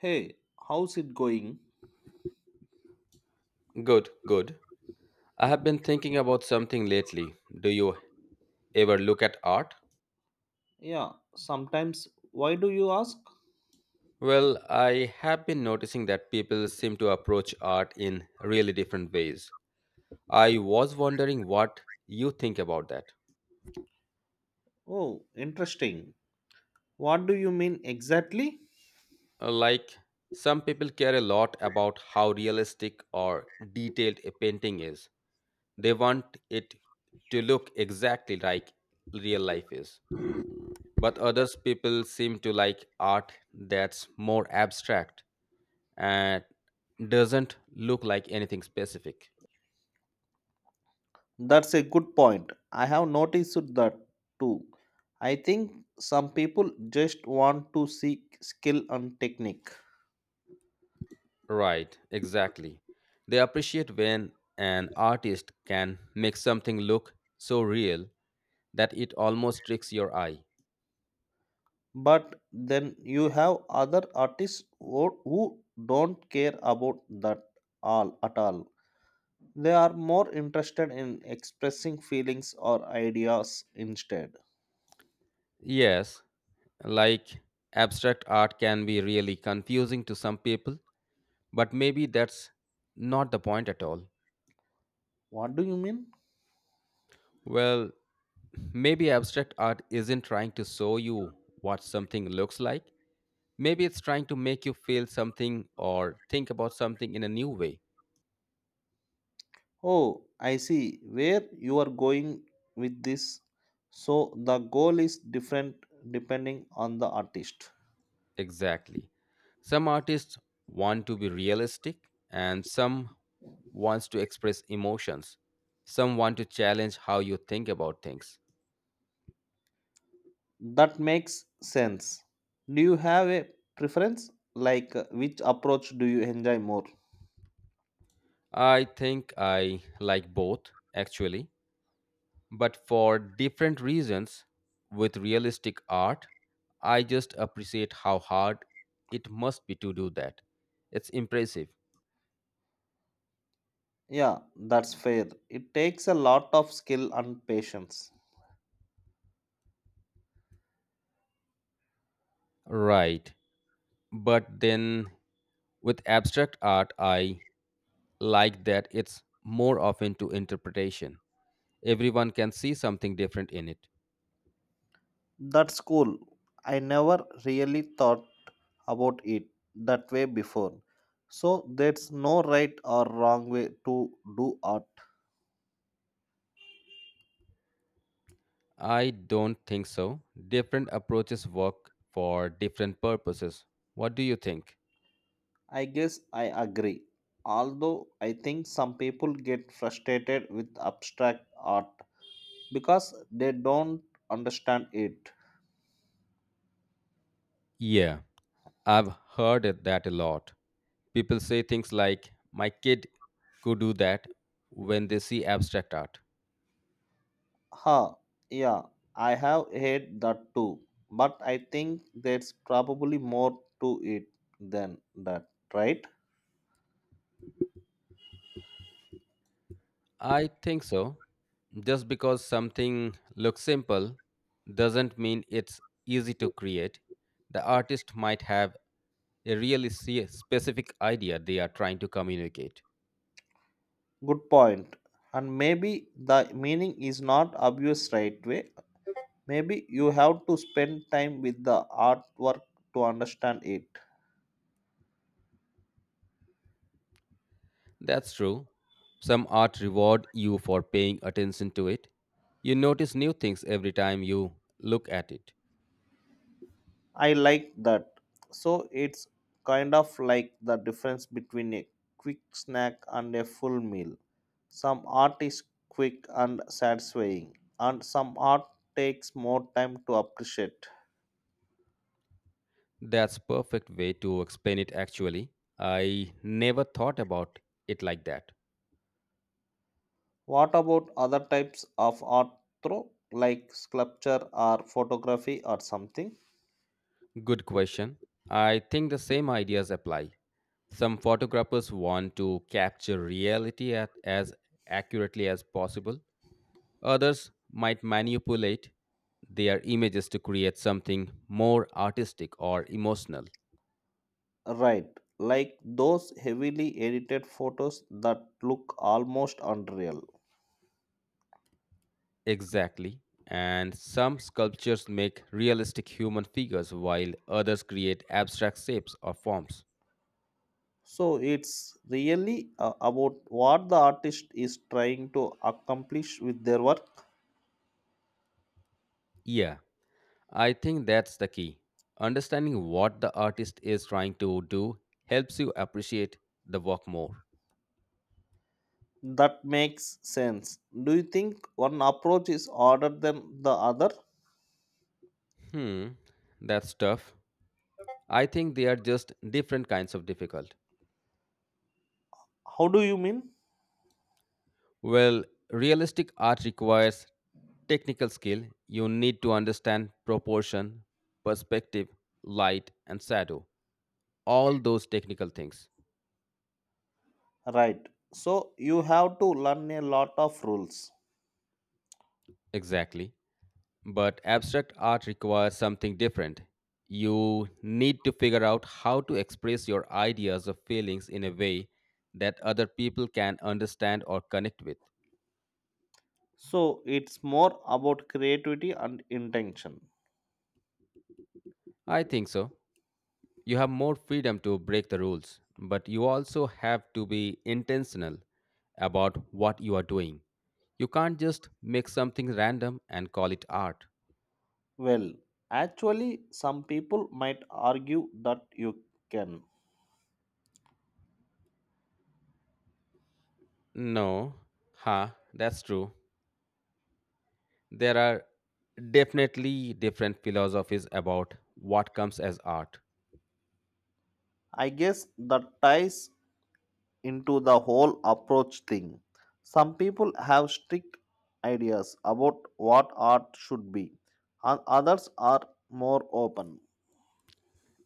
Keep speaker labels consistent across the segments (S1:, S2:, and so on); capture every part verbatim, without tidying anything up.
S1: Hey, how's it going?
S2: Good, good. I have been thinking about something lately. Do you ever look at art?
S1: Yeah, sometimes. Why do you ask?
S2: Well, I have been noticing that people seem to approach art in really different ways. I was wondering what you think about that.
S1: Oh, interesting. What do you mean exactly?
S2: Uh, Like, some people care a lot about how realistic or detailed a painting is. They want it to look exactly like real life is. But others people seem to like art that's more abstract and doesn't look like anything specific.
S1: That's a good point. I have noticed that too. I think some people just want to seek skill and technique.
S2: Right, exactly. They appreciate when an artist can make something look so real that it almost tricks your eye.
S1: But then you have other artists who who don't care about that all at all. They are more interested in expressing feelings or ideas instead.
S2: Yes, like abstract art can be really confusing to some people, but maybe that's not the point at all.
S1: What do you mean?
S2: Well, maybe abstract art isn't trying to show you what something looks like. Maybe it's trying to make you feel something or think about something in a new way.
S1: Oh, I see where you are going with this. So the goal is different depending on the artist.
S2: Exactly. Some artists want to be realistic and some wants to express emotions. Some want to challenge how you think about things.
S1: That makes sense. Do you have a preference? Like uh, which approach do you enjoy more?
S2: I think I like both actually, but for different reasons. With realistic art, I just appreciate how hard it must be to do that. It's impressive.
S1: Yeah, that's fair. It takes a lot of skill and patience.
S2: Right. But then with abstract art, I like that it's more open to interpretation. Everyone can see something different in it.
S1: That's cool. I never really thought about it that way before. So there's no right or wrong way to do art.
S2: I don't think so. Different approaches work for different purposes. What do you think?
S1: I guess I agree. Although I think some people get frustrated with abstract art because they don't understand it.
S2: Yeah, I've heard it that a lot. People say things like, my kid could do that when they see abstract art.
S1: Huh, yeah, I have heard that too. But I think there's probably more to it than that, right?
S2: I think so. Just because something looks simple doesn't mean it's easy to create. The artist might have a really se- specific idea they are trying to communicate.
S1: Good point. And maybe the meaning is not obvious right away. Maybe you have to spend time with the artwork to understand it.
S2: That's true. Some art reward you for paying attention to it. You notice new things every time you look at it.
S1: I like that. So it's kind of like the difference between a quick snack and a full meal. Some art is quick and satisfying, and some art takes more time to appreciate.
S2: That's perfect way to explain it actually. I never thought about it like that.
S1: What about other types of art, though, like sculpture or photography or something?
S2: Good question. I think the same ideas apply. Some photographers want to capture reality at, as accurately as possible. Others might manipulate their images to create something more artistic or emotional.
S1: Right, like those heavily edited photos that look almost unreal.
S2: Exactly. And some sculptures make realistic human figures while others create abstract shapes or forms.
S1: So it's really uh, about what the artist is trying to accomplish with their work.
S2: Yeah, I think that's the key. Understanding what the artist is trying to do helps you appreciate the work more.
S1: That makes sense. Do you think one approach is harder than the other?
S2: Hmm, that's tough. I think they are just different kinds of difficult.
S1: How do you mean?
S2: Well, realistic art requires technical skill. You need to understand proportion, perspective, light, and shadow. All those technical things.
S1: Right. So you have to learn a lot of rules.
S2: Exactly. But abstract art requires something different. You need to figure out how to express your ideas or feelings in a way that other people can understand or connect with.
S1: So it's more about creativity and intention.
S2: I think so. You have more freedom to break the rules, but you also have to be intentional about what you are doing. You can't just make something random and call it art.
S1: Well, actually, some people might argue that you can.
S2: No, huh, that's true. There are definitely different philosophies about what comes as art.
S1: I guess that ties into the whole approach thing. Some people have strict ideas about what art should be, and others are more open.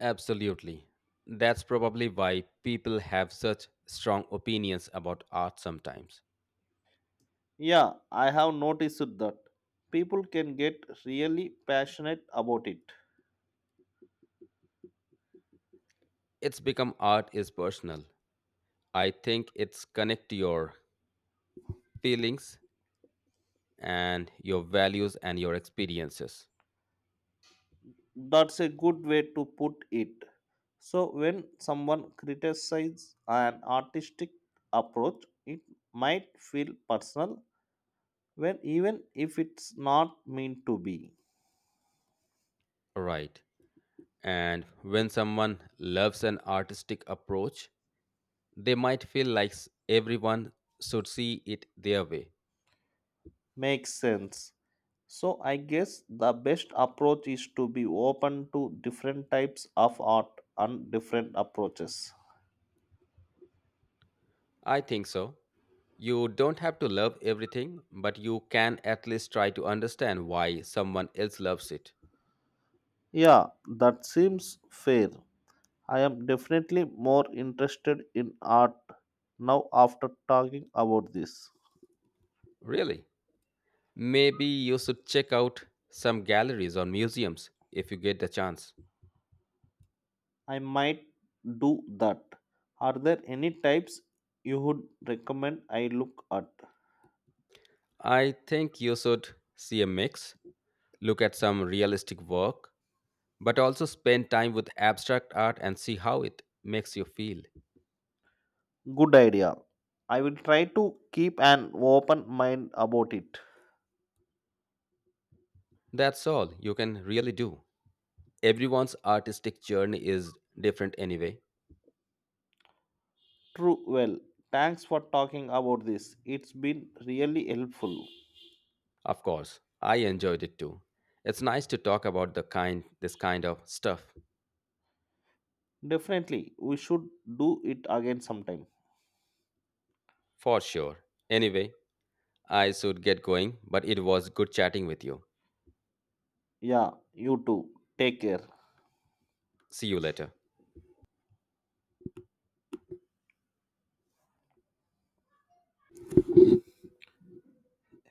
S2: Absolutely. That's probably why people have such strong opinions about art sometimes.
S1: Yeah, I have noticed that people can get really passionate about it.
S2: It's become art is personal. I think it's connect to your feelings and your values and your experiences.
S1: That's a good way to put it. So, when someone criticizes an artistic approach, it might feel personal, when even if it's not meant to be.
S2: Right. And when someone loves an artistic approach, they might feel like s- everyone should see it their way.
S1: Makes sense. So I guess the best approach is to be open to different types of art and different approaches.
S2: I think so. You don't have to love everything, but you can at least try to understand why someone else loves it.
S1: Yeah, that seems fair. I am definitely more interested in art now after talking about this.
S2: Really? Maybe you should check out some galleries or museums if you get the chance.
S1: I might do that. Are there any types you would recommend I look at?
S2: I think you should see a mix, look at some realistic work but also spend time with abstract art and see how it makes you feel.
S1: Good idea. I will try to keep an open mind about it.
S2: That's all you can really do. Everyone's artistic journey is different anyway.
S1: True, well, thanks for talking about this. It's been really helpful.
S2: Of course, I enjoyed it too. It's nice to talk about the kind this kind of stuff
S1: Definitely, we should do it again sometime.
S2: for sure. Anyway, I should get going, but it was good chatting with you.
S1: Yeah, you too. Take care.
S2: See you later.